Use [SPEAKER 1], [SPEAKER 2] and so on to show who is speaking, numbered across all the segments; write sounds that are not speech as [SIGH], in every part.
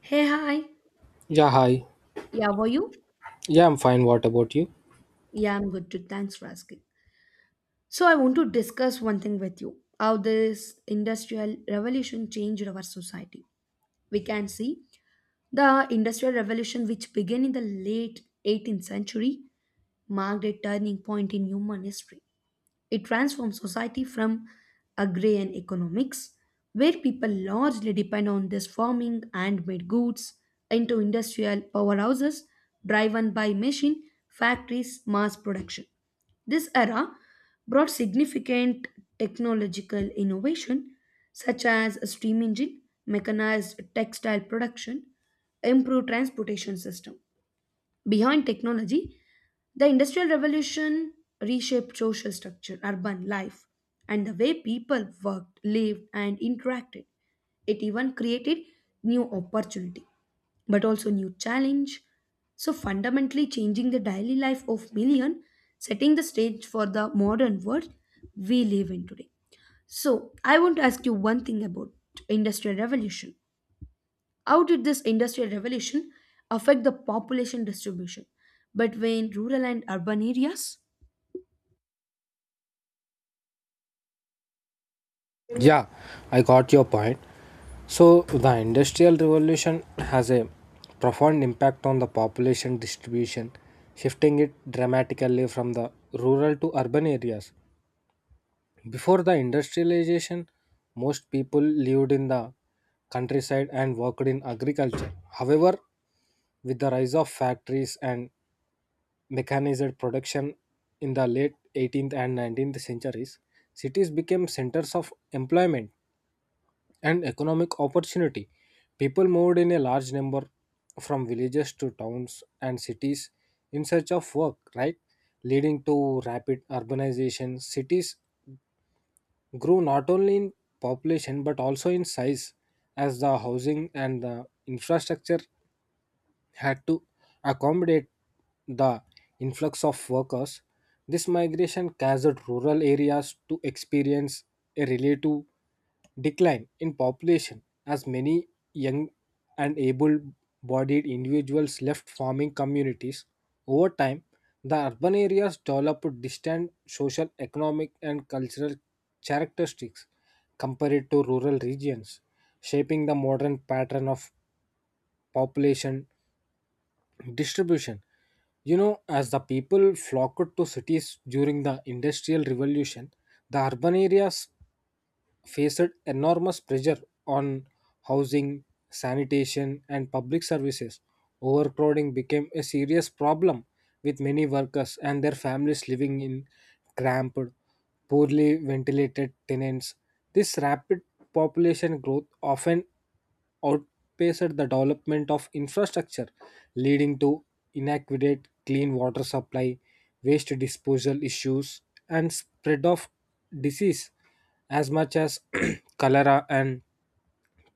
[SPEAKER 1] Hey, hi.
[SPEAKER 2] Yeah, hi.
[SPEAKER 1] Yeah, were you?
[SPEAKER 2] Yeah, I'm fine. What about you?
[SPEAKER 1] Yeah, I'm good too. Thanks for asking. So, I want to discuss one thing with you how this industrial revolution changed our society. We can see the industrial revolution, which began in the late 18th century, marked a turning point in human history. It transforms society from agrarian economics, where people largely depend on this farming and made goods, into industrial powerhouses driven by machine, factories, mass production. This era brought significant technological innovation such as a steam engine, mechanized textile production, improved transportation system. Behind technology, the Industrial Revolution reshaped social structure, urban life, and the way people worked, lived, and interacted. It even created new opportunity, but also new challenge. So fundamentally changing the daily life of million, setting the stage for the modern world we live in today. So I want to ask you one thing about Industrial Revolution. How did this industrial revolution affect the population distribution between rural and urban areas?
[SPEAKER 2] Yeah, I got your point. So, the Industrial Revolution has a profound impact on the population distribution, shifting it dramatically from the rural to urban areas. Before the industrialization, most people lived in the countryside and worked in agriculture. However, with the rise of factories and mechanized production in the late 18th and 19th centuries, cities became centers of employment and economic opportunity. People moved in a large number from villages to towns and cities in search of work, right? Leading to rapid urbanization, cities grew not only in population but also in size as the housing and the infrastructure had to accommodate the influx of workers. This migration caused rural areas to experience a relative decline in population as many young and able bodied individuals left farming communities. Over time, the urban areas developed distinct social, economic, and cultural characteristics compared to rural regions, shaping the modern pattern of population distribution. You know, as the people flocked to cities during the Industrial Revolution, the urban areas faced enormous pressure on housing, sanitation, and public services. Overcrowding became a serious problem, with many workers and their families living in cramped, poorly ventilated tenants. This rapid population growth often outpaced the development of infrastructure, leading to inadequate clean water supply, waste disposal issues, and spread of disease as much as [CLEARS THROAT] cholera and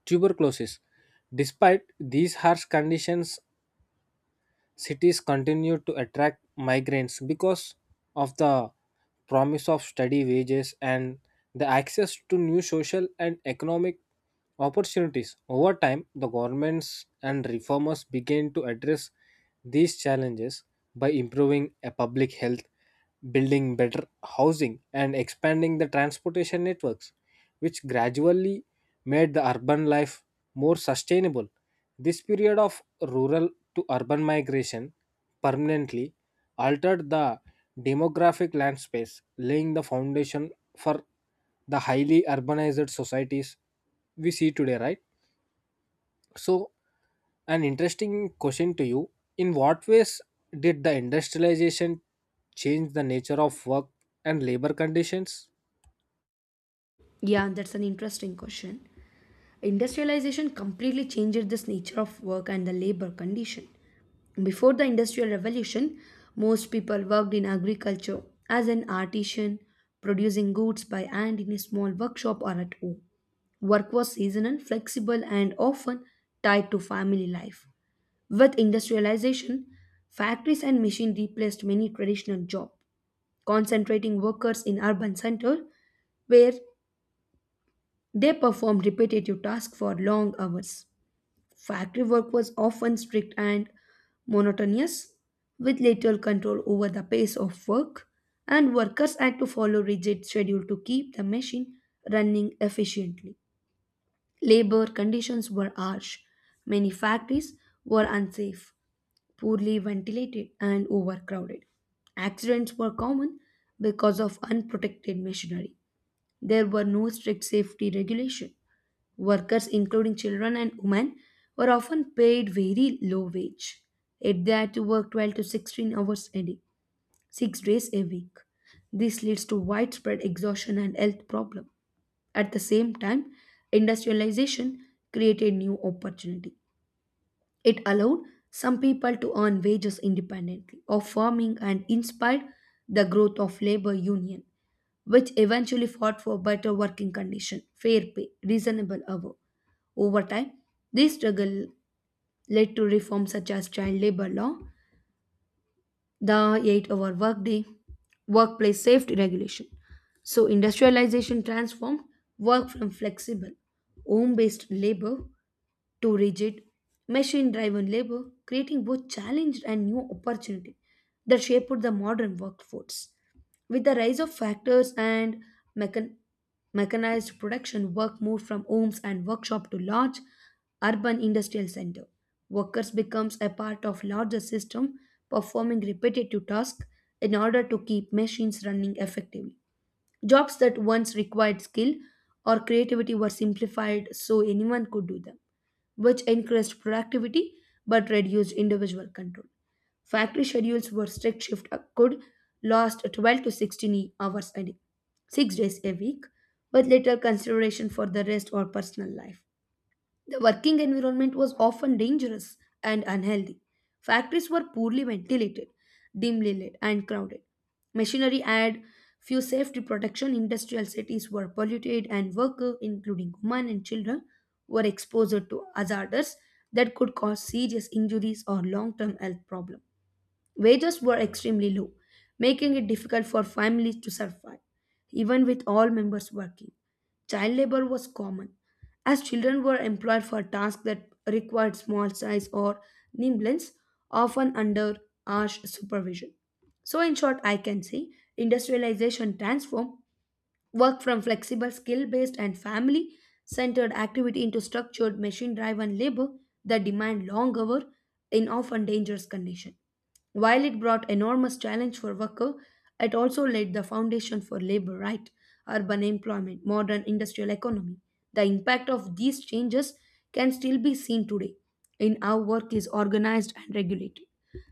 [SPEAKER 2] tuberculosis. Despite these harsh conditions, cities continue to attract migrants because of the promise of steady wages and the access to new social and economic opportunities. Over time, the governments and reformers began to address these challenges by improving a public health, building better housing, and expanding the transportation networks, which gradually made the urban life more sustainable. This period of rural to urban migration permanently altered the demographic landscape, laying the foundation for the highly urbanized societies we see today, right? So, an interesting question to you: in what ways did the industrialization change the nature of work and labor conditions?
[SPEAKER 1] Yeah, that's an interesting question. Industrialization completely changed this nature of work and the labor condition. Before the Industrial Revolution, most people worked in agriculture as an artisan, producing goods by hand in a small workshop or at home. Work was seasonal, flexible, and often tied to family life. With industrialization, factories and machines replaced many traditional jobs, concentrating workers in urban centers where they performed repetitive tasks for long hours. Factory work was often strict and monotonous, with little control over the pace of work, and workers had to follow rigid schedule to keep the machine running efficiently. Labor conditions were harsh. Many factories were unsafe, poorly ventilated, and overcrowded. Accidents were common because of unprotected machinery. There were no strict safety regulation. Workers, including children and women, were often paid very low wage. Yet they had to work 12 to 16 hours a day, 6 days a week. This leads to widespread exhaustion and health problem. At the same time, industrialization created new opportunities. It allowed some people to earn wages independently of farming and inspired the growth of labor union, which eventually fought for better working condition, fair pay, reasonable hour. Over time, this struggle led to reforms such as child labor law, the 8-hour workday, workplace safety regulation. So industrialization transformed work from flexible, home-based labor to rigid, machine driven labor, creating both challenge and new opportunity that shaped the modern workforce. With the rise of factors and mechan- mechanized production, work moved from homes and workshop to large urban industrial center. Workers becomes a part of larger system performing repetitive tasks in order to keep machines running effectively. Jobs that once required skill or creativity were simplified so anyone could do them which increased productivity but reduced individual control. Factory schedules were strict shift could last 12 to 16 hours a day, 6 days a week, with little consideration for the rest or personal life. The working environment was often dangerous and unhealthy. Factories were poorly ventilated, dimly lit, and crowded. Machinery had few safety protection. Industrial cities were polluted, and workers, including women and children, were exposed to hazards that could cause serious injuries or long term health problems. Wages were extremely low, making it difficult for families to survive, even with all members working. Child labor was common, as children were employed for tasks that required small size or nimbleness, often under harsh supervision. So, in short, I can say industrialization transformed Work from flexible, skill based, and family centered activity into structured, machine driven labor that demand long hours in often dangerous conditions. While it brought enormous challenge for worker, it also laid the foundation for labor right, urban employment, modern industrial economy. The impact of these changes can still be seen today in how work is organized and regulated.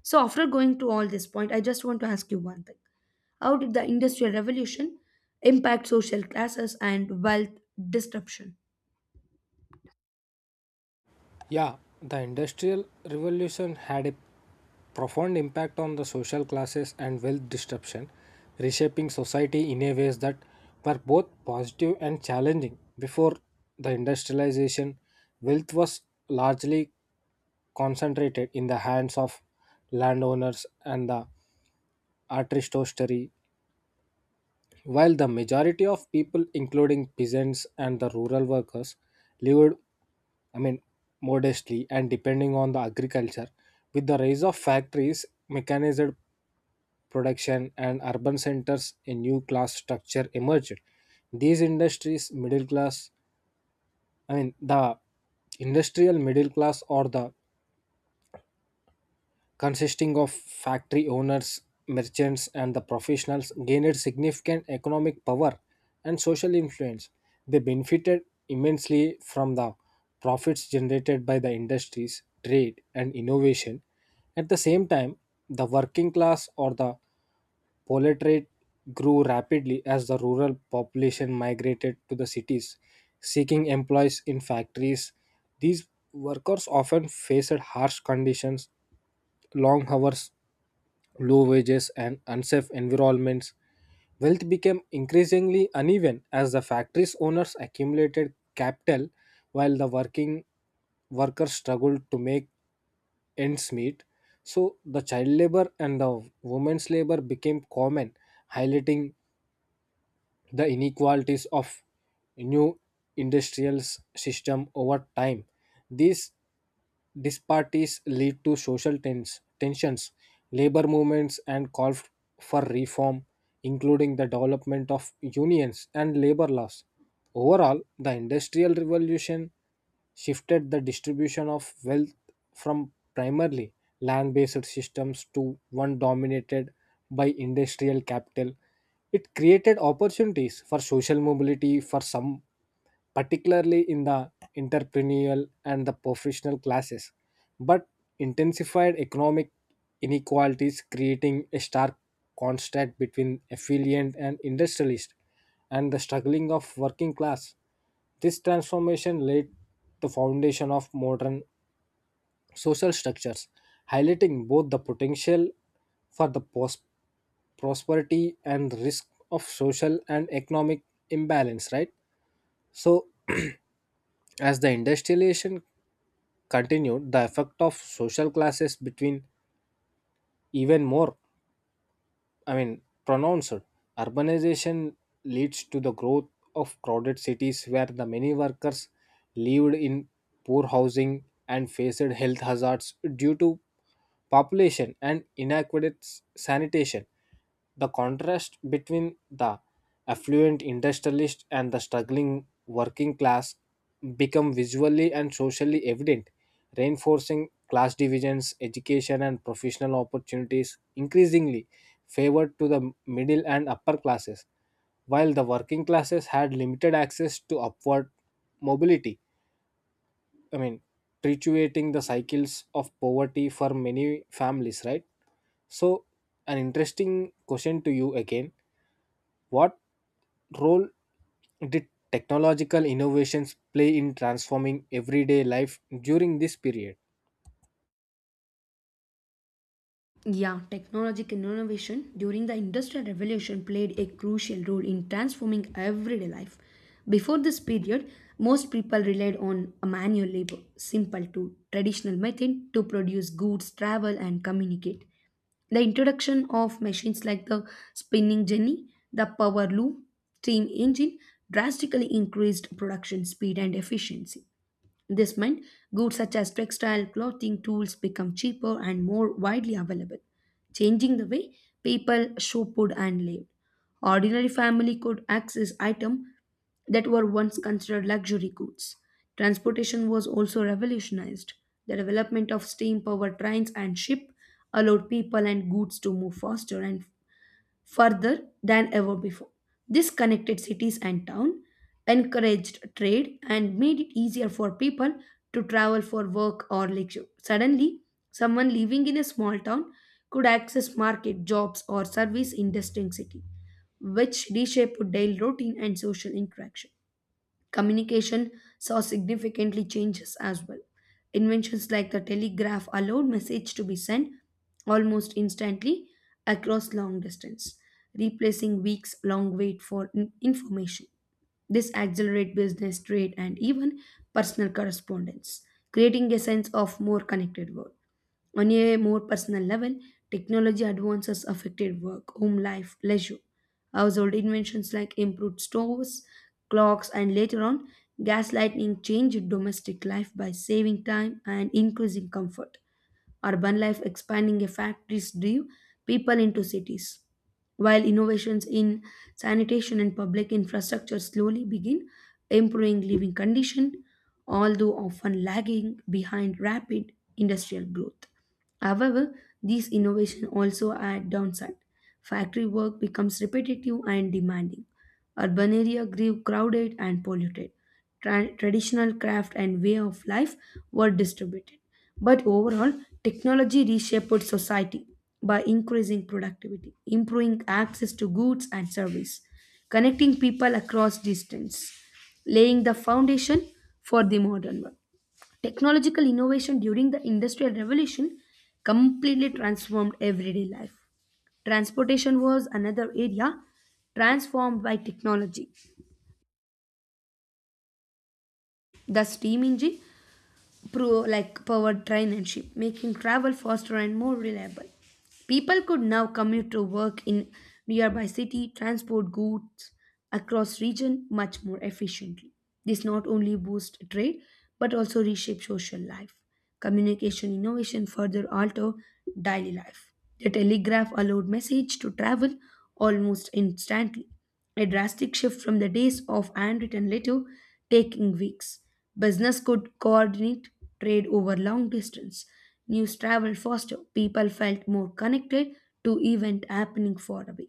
[SPEAKER 1] So after going to all this point, I just want to ask you one thing. How did the Industrial Revolution impact social classes and wealth disruption?
[SPEAKER 2] Yeah, the Industrial Revolution had a profound impact on the social classes and wealth disruption, reshaping society in a ways that were both positive and challenging. Before the industrialization, wealth was largely concentrated in the hands of landowners and the artistry, while the majority of people, including peasants and the rural workers, lived, I mean, modestly and depending on the agriculture. With the rise of factories, mechanized production, and urban centers, a new class structure emerged. These industries, middle class, I mean, the industrial middle class, or the consisting of factory owners, merchants, and the professionals gained significant economic power and social influence. They benefited immensely from the profits generated by the industries, trade, and innovation. At the same time, the working class, or the proletariat, grew rapidly as the rural population migrated to the cities, seeking employees in factories. These workers often faced harsh conditions, long hours, low wages, and unsafe environments. Wealth became increasingly uneven as the factory's owners accumulated capital while the working workers struggled to make ends meet. So the child labor and the women's labor became common, highlighting the inequalities of new industrial system. Over time, these disparities lead to social tensions, labor movements, and call for reform, including the development of unions and labor laws. Overall, the Industrial Revolution shifted the distribution of wealth from primarily land based systems to one dominated by industrial capital. It created opportunities for social mobility for some, particularly in the entrepreneurial and the professional classes, but intensified economic inequalities, creating a stark contrast between affluent and industrialist and the struggling of working class. This transformation laid the foundation of modern social structures, highlighting both the potential for the prosperity and risk of social and economic imbalance, right? So, as the industrialization continued, the effect of social classes between even more, I mean, pronounced. Urbanization leads to the growth of crowded cities where the many workers lived in poor housing and faced health hazards due to population and inadequate sanitation. The contrast between the affluent industrialist and the struggling working class become visually and socially evident, reinforcing class divisions. Education and professional opportunities increasingly favored to the middle and upper classes, while the working classes had limited access to upward mobility, I mean, perpetuating the cycles of poverty for many families, right? So, an interesting question to you again. What role did technological innovations play in transforming everyday life during this period?
[SPEAKER 1] Yeah, technological innovation during the Industrial Revolution played a crucial role in transforming everyday life. Before this period, most people relied on manual labor, simple to traditional method to produce goods, travel, and communicate. The introduction of machines like the spinning jenny, the power loom, steam engine drastically increased production speed and efficiency. This meant goods such as textile, clothing, tools become cheaper and more widely available, changing the way people shop food and lived. Ordinary family could access items that were once considered luxury goods. Transportation was also revolutionized. The development of steam powered trains and ship allowed people and goods to move faster and further than ever before. This connected cities and town, encouraged trade, and made it easier for people to travel for work or leisure. Suddenly, someone living in a small town could access market, jobs, or service in distant city, which reshaped daily routine and social interaction. Communication saw significantly changes as well. Inventions like the telegraph allowed message to be sent almost instantly across long distance, replacing weeks long wait for information. This accelerated business, trade, and even personal correspondence, creating a sense of more connected world. On a more personal level, technology advances affected work, home life, leisure. Household inventions like improved stoves, clocks, and later on, gas lighting changed domestic life by saving time and increasing comfort. Urban life expanding a factories drive people into cities, while innovations in sanitation and public infrastructure slowly begin improving living condition, although often lagging behind rapid industrial growth. However, these innovations also add downside. Factory work becomes repetitive and demanding Urban area grew crowded and polluted. Traditional craft and way of life were distributed. But overall, technology reshaped society by increasing productivity, improving access to goods and service, connecting people across distance, laying the foundation for the modern world. Technological innovation during the Industrial Revolution completely transformed everyday life. Transportation was another area transformed by technology. The steam engine like powered train and ship, making travel faster and more reliable. People could now commute to work in nearby city, transport goods across region much more efficiently. This not only boost trade but also reshape social life. Communication innovation further alter daily life. The telegraph allowed message to travel almost instantly a drastic shift from the days of handwritten letter taking weeks. Business could coordinate trade over long distance. News traveled faster. People felt more connected to event happening far away.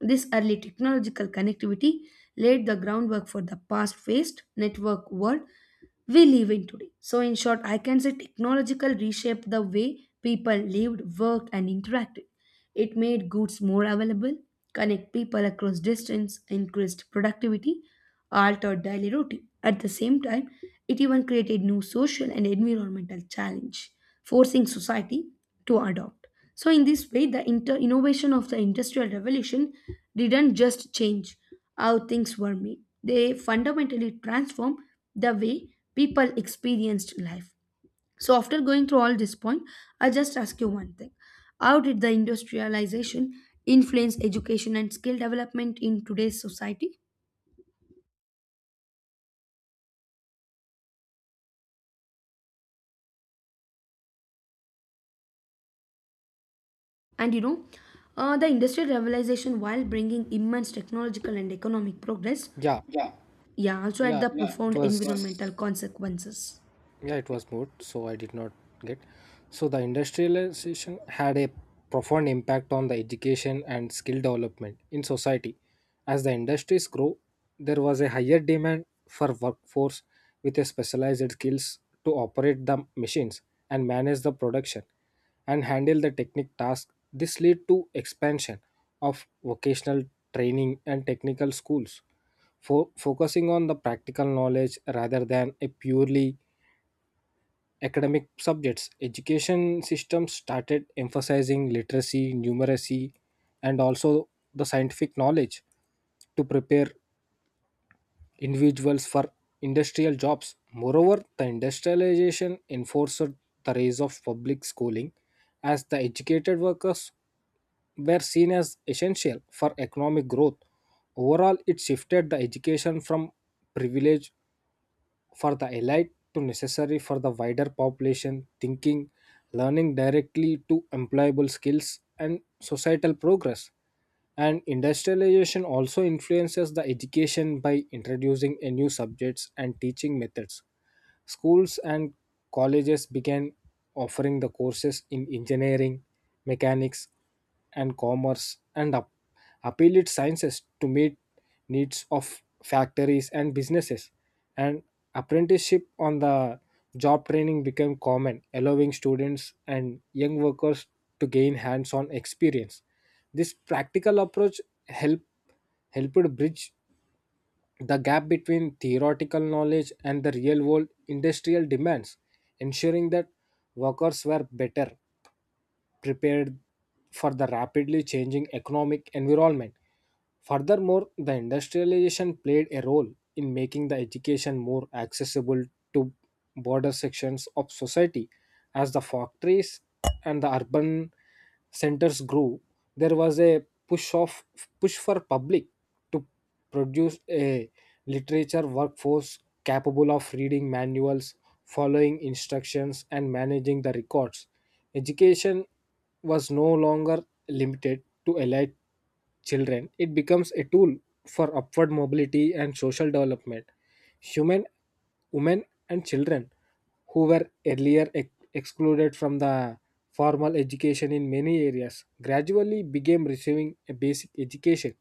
[SPEAKER 1] This early technological connectivity laid the groundwork for the past-faced network world we live in today. So, in short, I can say technological reshaped the way people lived, worked, and interacted. It made goods more available, connect people across distance, increased productivity, altered daily routine. At the same time, it even created new social and environmental challenge, forcing society to adopt. So, in this way, the innovation of the industrial revolution didn't just change how things were made; they fundamentally transformed the way people experienced life. So, after going through all this point, I just ask you one thing How did the industrialization influence education and skill development in today's society? And the industrial revolution, while bringing immense technological and economic progress,
[SPEAKER 2] Yeah,
[SPEAKER 1] yeah, also had
[SPEAKER 2] yeah,
[SPEAKER 1] the
[SPEAKER 2] it
[SPEAKER 1] profound
[SPEAKER 2] was
[SPEAKER 1] environmental consequences.
[SPEAKER 2] yeah it was mood, so I did not get. So the industrialization had a profound impact on the education and skill development in society. As the industries grow, there was a higher demand for workforce with a specialized skills to operate the machines and manage the production and handle the technical tasks. This led to expansion of vocational training and technical schools for focusing on the practical knowledge rather than a purely academic subjects. Education systems started emphasizing literacy, numeracy, and also the scientific knowledge to prepare individuals for industrial jobs. Moreover, the industrialization enforced the rise of public schooling as the educated workers were seen as essential for economic growth. Overall, it shifted the education from privilege for the elite to necessary for the wider population, thinking learning directly to employable skills and societal progress. And industrialization also influences the education by introducing a new subjects and teaching methods. Schools and colleges began offering the courses in engineering, mechanics, and commerce, and applied sciences to meet needs of factories and businesses. And apprenticeship on the job training became common, allowing students and young workers to gain hands-on experience. This practical approach helped helped bridge the gap between theoretical knowledge and the real world industrial demands, ensuring that workers were better prepared for the rapidly changing economic environment. Furthermore, the industrialization played a role in making the education more accessible to broader sections of society. As the factories and the urban centers grew, there was a push for public to produce a literature workforce capable of reading manuals, following instructions, and managing the records. Education was no longer limited to elite children; it becomes a tool for upward mobility and social development. Human, women, and children who were earlier excluded from the formal education in many areas gradually began receiving a basic education,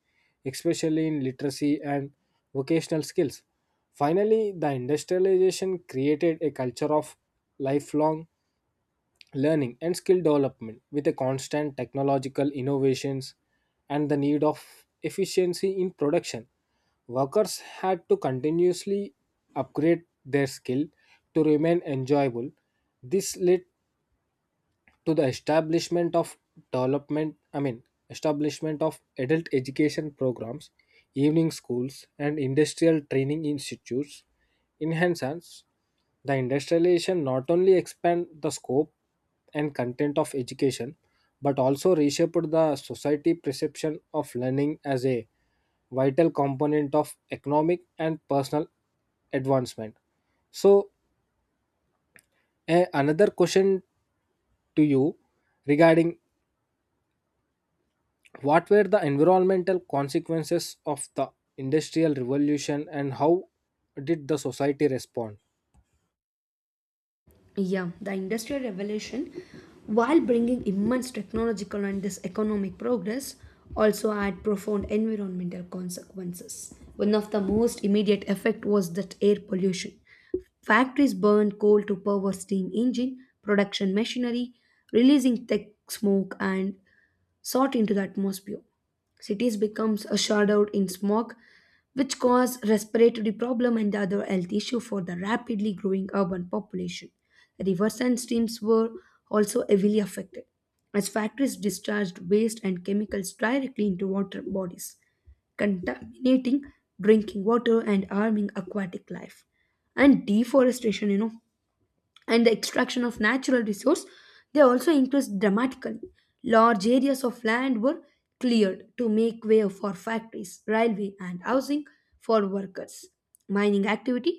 [SPEAKER 2] especially in literacy and vocational skills. Finally, the industrialization created a culture of lifelong learning and skill development. With a constant technological innovations and the need of efficiency in production, workers had to continuously upgrade their skill to remain enjoyable. This led to the establishment of development I mean, establishment of adult education programs, evening schools, and industrial training institutes. In Hansans, the industrialization not only expand the scope and content of education but also reshaped the society perception of learning as a vital component of economic and personal advancement. So, another question to you regarding: what were the environmental consequences of the Industrial Revolution and how did the society respond?
[SPEAKER 1] Yeah, the Industrial Revolution, while bringing immense technological and this economic progress, also had profound environmental consequences. One of the most immediate effect was that air pollution. Factories burned coal to power steam engine production machinery, releasing thick smoke and sought into the atmosphere. Cities becomes a shrouded in smog, which cause respiratory problem and other health issue for the rapidly growing urban population. Rivers and streams were also heavily affected, as factories discharged waste and chemicals directly into water bodies, contaminating drinking water and harming aquatic life. And deforestation, and the extraction of natural resource they also increased dramatically large areas of land were cleared to make way for factories railway and housing for workers mining activity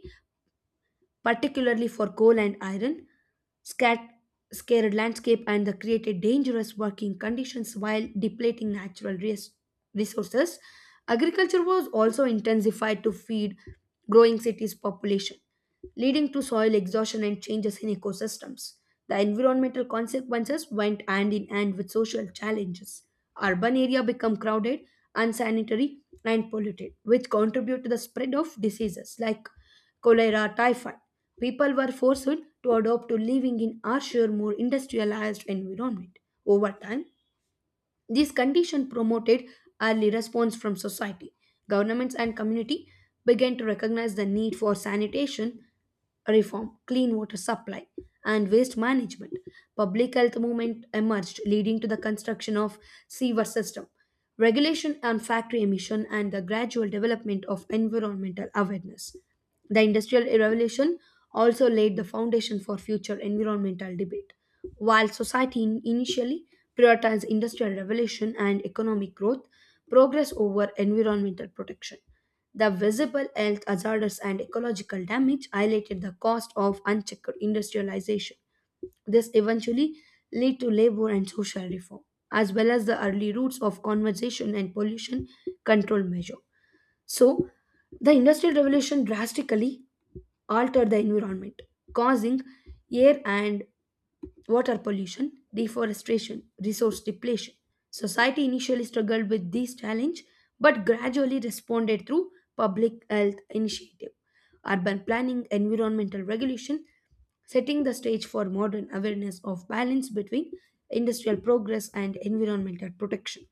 [SPEAKER 1] particularly for coal and iron, scat- scarred landscape and the created dangerous working conditions while depleting natural resources. Agriculture was also intensified to feed growing cities' population, leading to soil exhaustion and changes in ecosystems. The environmental consequences went hand in hand with social challenges. Urban area become crowded, unsanitary, and polluted, which contribute to the spread of diseases like cholera, typhoid. People were forced to adopt to living in harsher, more industrialized environment. Over time, this condition promoted early response from society. Governments and community began to recognize the need for sanitation reform, clean water supply, and waste management. Public health movement emerged, leading to the construction of sewer system, regulation on factory emission, and the gradual development of environmental awareness. The Industrial Revolution also laid the foundation for future environmental debate. While society initially prioritized industrial revolution and economic growth, progress over environmental protection. The visible health hazards and ecological damage highlighted the cost of unchecked industrialization. This eventually led to labor and social reform, as well as the early roots of conservation and pollution control measure. So, the Industrial Revolution drastically altered the environment, causing air and water pollution, deforestation, resource depletion. Society initially struggled with these challenges but gradually responded through public health initiative, urban planning, environmental regulation, setting the stage for modern awareness of balance between industrial progress and environmental protection.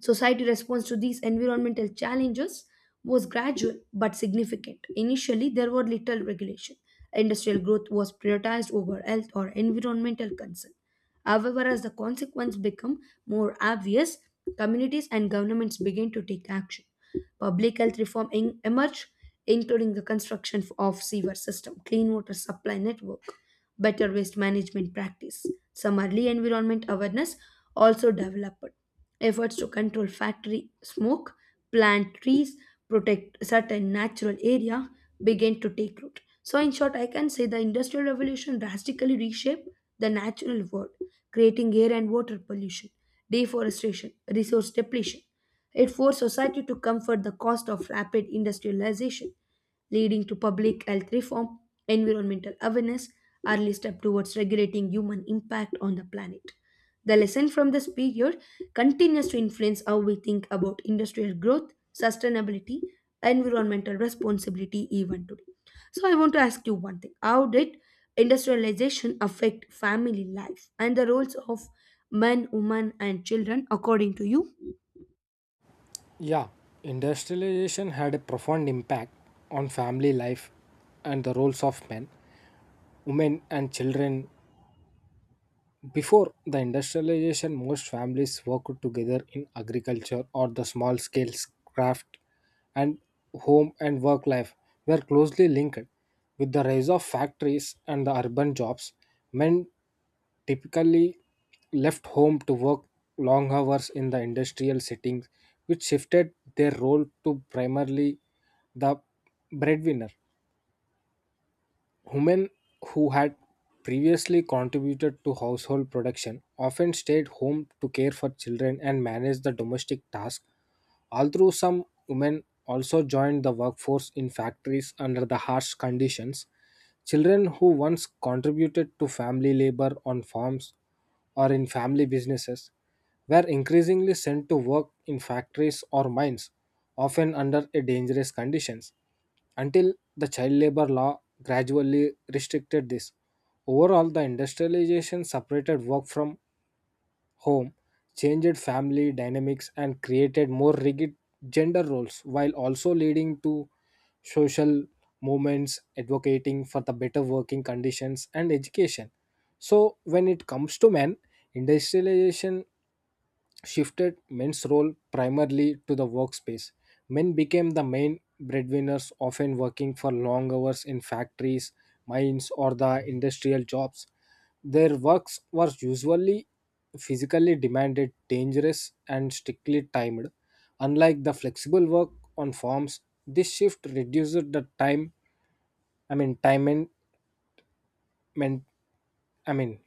[SPEAKER 1] Society response to these environmental challenges was gradual but significant. Initially, there were little regulation. Industrial growth was prioritized over health or environmental concern. However, as the consequence become more obvious, communities and governments began to take action. Public health reform emerged, including the construction of sewer system, clean water supply network, better waste management practice. Some early environment awareness also developed. Efforts to control factory smoke, plant trees, protect certain natural area began to take root. So in short, I can say the industrial revolution drastically reshaped the natural world, creating air and water pollution, deforestation, resource depletion. It forced society to comfort the cost of rapid industrialization leading to public health reform, environmental awareness, early step towards regulating human impact on the planet. The lesson from this period continues to influence how we think about industrial growth, sustainability, environmental responsibility even today. So I want to ask you one thing. How did industrialization affect family life and the roles of men, women and children according to you?
[SPEAKER 2] Yeah, industrialization had a profound impact on family life and the roles of men, women, and children. Before the industrialization, most families worked together in agriculture or the small scale craft, and home and work life were closely linked. With the rise of factories and the urban jobs, men typically left home to work long hours in the industrial settings, which shifted their role to primarily the breadwinner. Women who had previously contributed to household production often stayed home to care for children and manage the domestic tasks, although some women also joined the workforce in factories under the harsh conditions. Children who once contributed to family labor on farms or in family businesses were increasingly sent to work in factories or mines, often under a dangerous conditions until the child labor law gradually restricted this. Overall, the industrialization separated work from home, changed family dynamics, and created more rigid gender roles while also leading to social movements advocating for the better working conditions and education. So, when it comes to men, industrialization shifted men's role primarily to the workspace. Men became the main breadwinners, often working for long hours in factories, mines, or the industrial jobs. Their works were usually physically demanded, dangerous, and strictly timed. Unlike the flexible work on farms, this shift reduced the time, I mean, time and, men- I mean,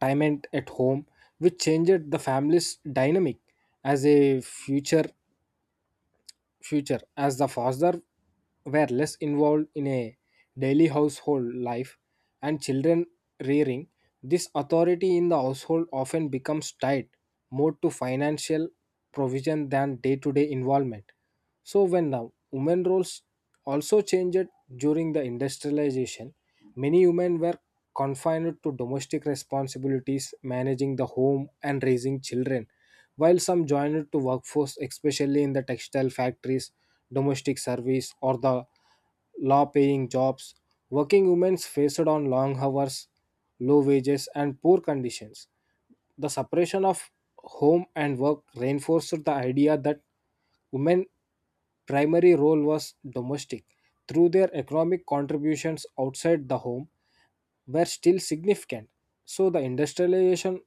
[SPEAKER 2] time and at home, which changed the family's dynamic as a future as the fathers were less involved in a daily household life and children rearing. This authority in the household often becomes tied more to financial provision than day-to-day involvement. So when the women roles also changed during the industrialization, many women were confined to domestic responsibilities, managing the home and raising children, while some joined to workforce, especially in the textile factories, domestic service, or the law paying jobs. Working women faced on long hours, low wages, and poor conditions. The separation of home and work reinforced the idea that women's primary role was domestic, through their economic contributions outside the home were still significant. So the industrialization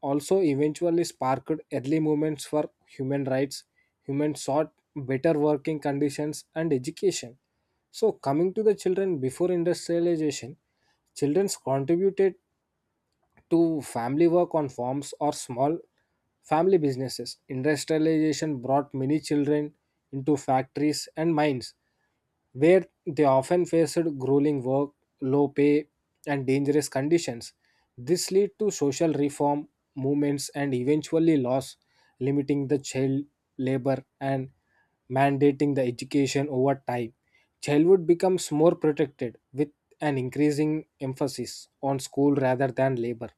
[SPEAKER 2] also eventually sparked early movements for human rights. Humans sought better working conditions and education. So coming to the children, before industrialization, children contributed to family work on farms or small family businesses. Industrialization brought many children into factories and mines, where they often faced grueling work, low pay, and dangerous conditions. This led to social reform movements and eventually laws limiting the child labor and mandating the education over time. Childhood becomes more protected with an increasing emphasis on school rather than labor.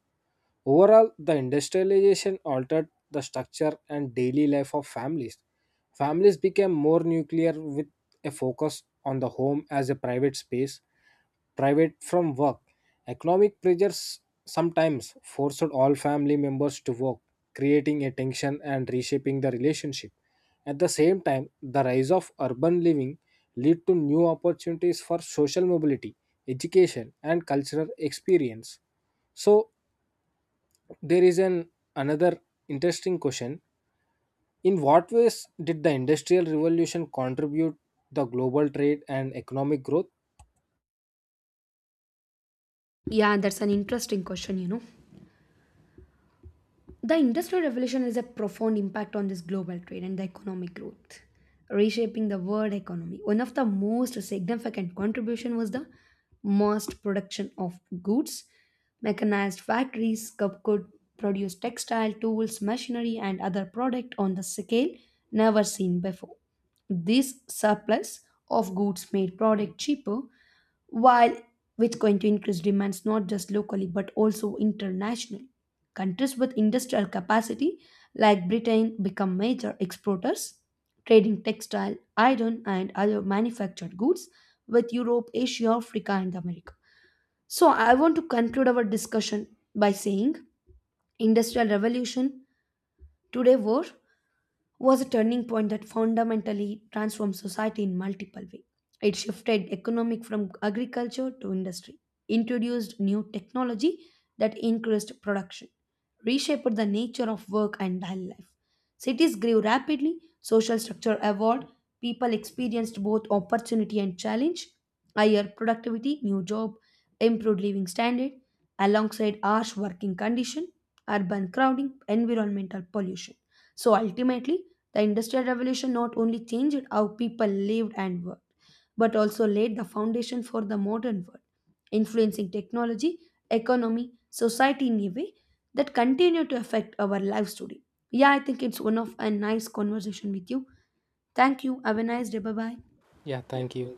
[SPEAKER 2] Overall, the industrialization altered the structure and daily life of families. Families became more nuclear, with a focus on the home as a private space, private from work. Economic pressures sometimes forced all family members to work, creating a tension and reshaping the relationship. At the same time, the rise of urban living lead to new opportunities for social mobility, education, and cultural experience. So, there is an another interesting question. In what ways did the industrial revolution contribute the global trade and economic growth?
[SPEAKER 1] Yeah, that's an interesting question. The Industrial Revolution has a profound impact on this global trade and the economic growth, reshaping the world economy. One of the most significant contribution was the mass production of goods. Mechanized factories could produce textile tools, machinery, and other product on the scale never seen before. This surplus of goods made product cheaper while which going to increase demands not just locally but also internationally. Countries with industrial capacity like Britain become major exporters, trading textile, iron, and other manufactured goods with Europe, Asia, Africa, and America. So I want to conclude our discussion by saying industrial revolution today war was a turning point that fundamentally transformed society in multiple ways. It shifted economic from agriculture to industry, introduced new technology that increased production, reshaped the nature of work and daily life. Cities grew rapidly, social structure evolved, people experienced both opportunity and challenge, higher productivity, new job, improved living standard, alongside harsh working condition, urban crowding, environmental pollution. So ultimately, the Industrial Revolution not only changed how people lived and worked, but also laid the foundation for the modern world, influencing technology, economy, society in a way that continue to affect our lives today. Yeah, I think it's one of a nice conversation with you. Thank you. Have a nice day. Bye bye.
[SPEAKER 2] Yeah, thank you.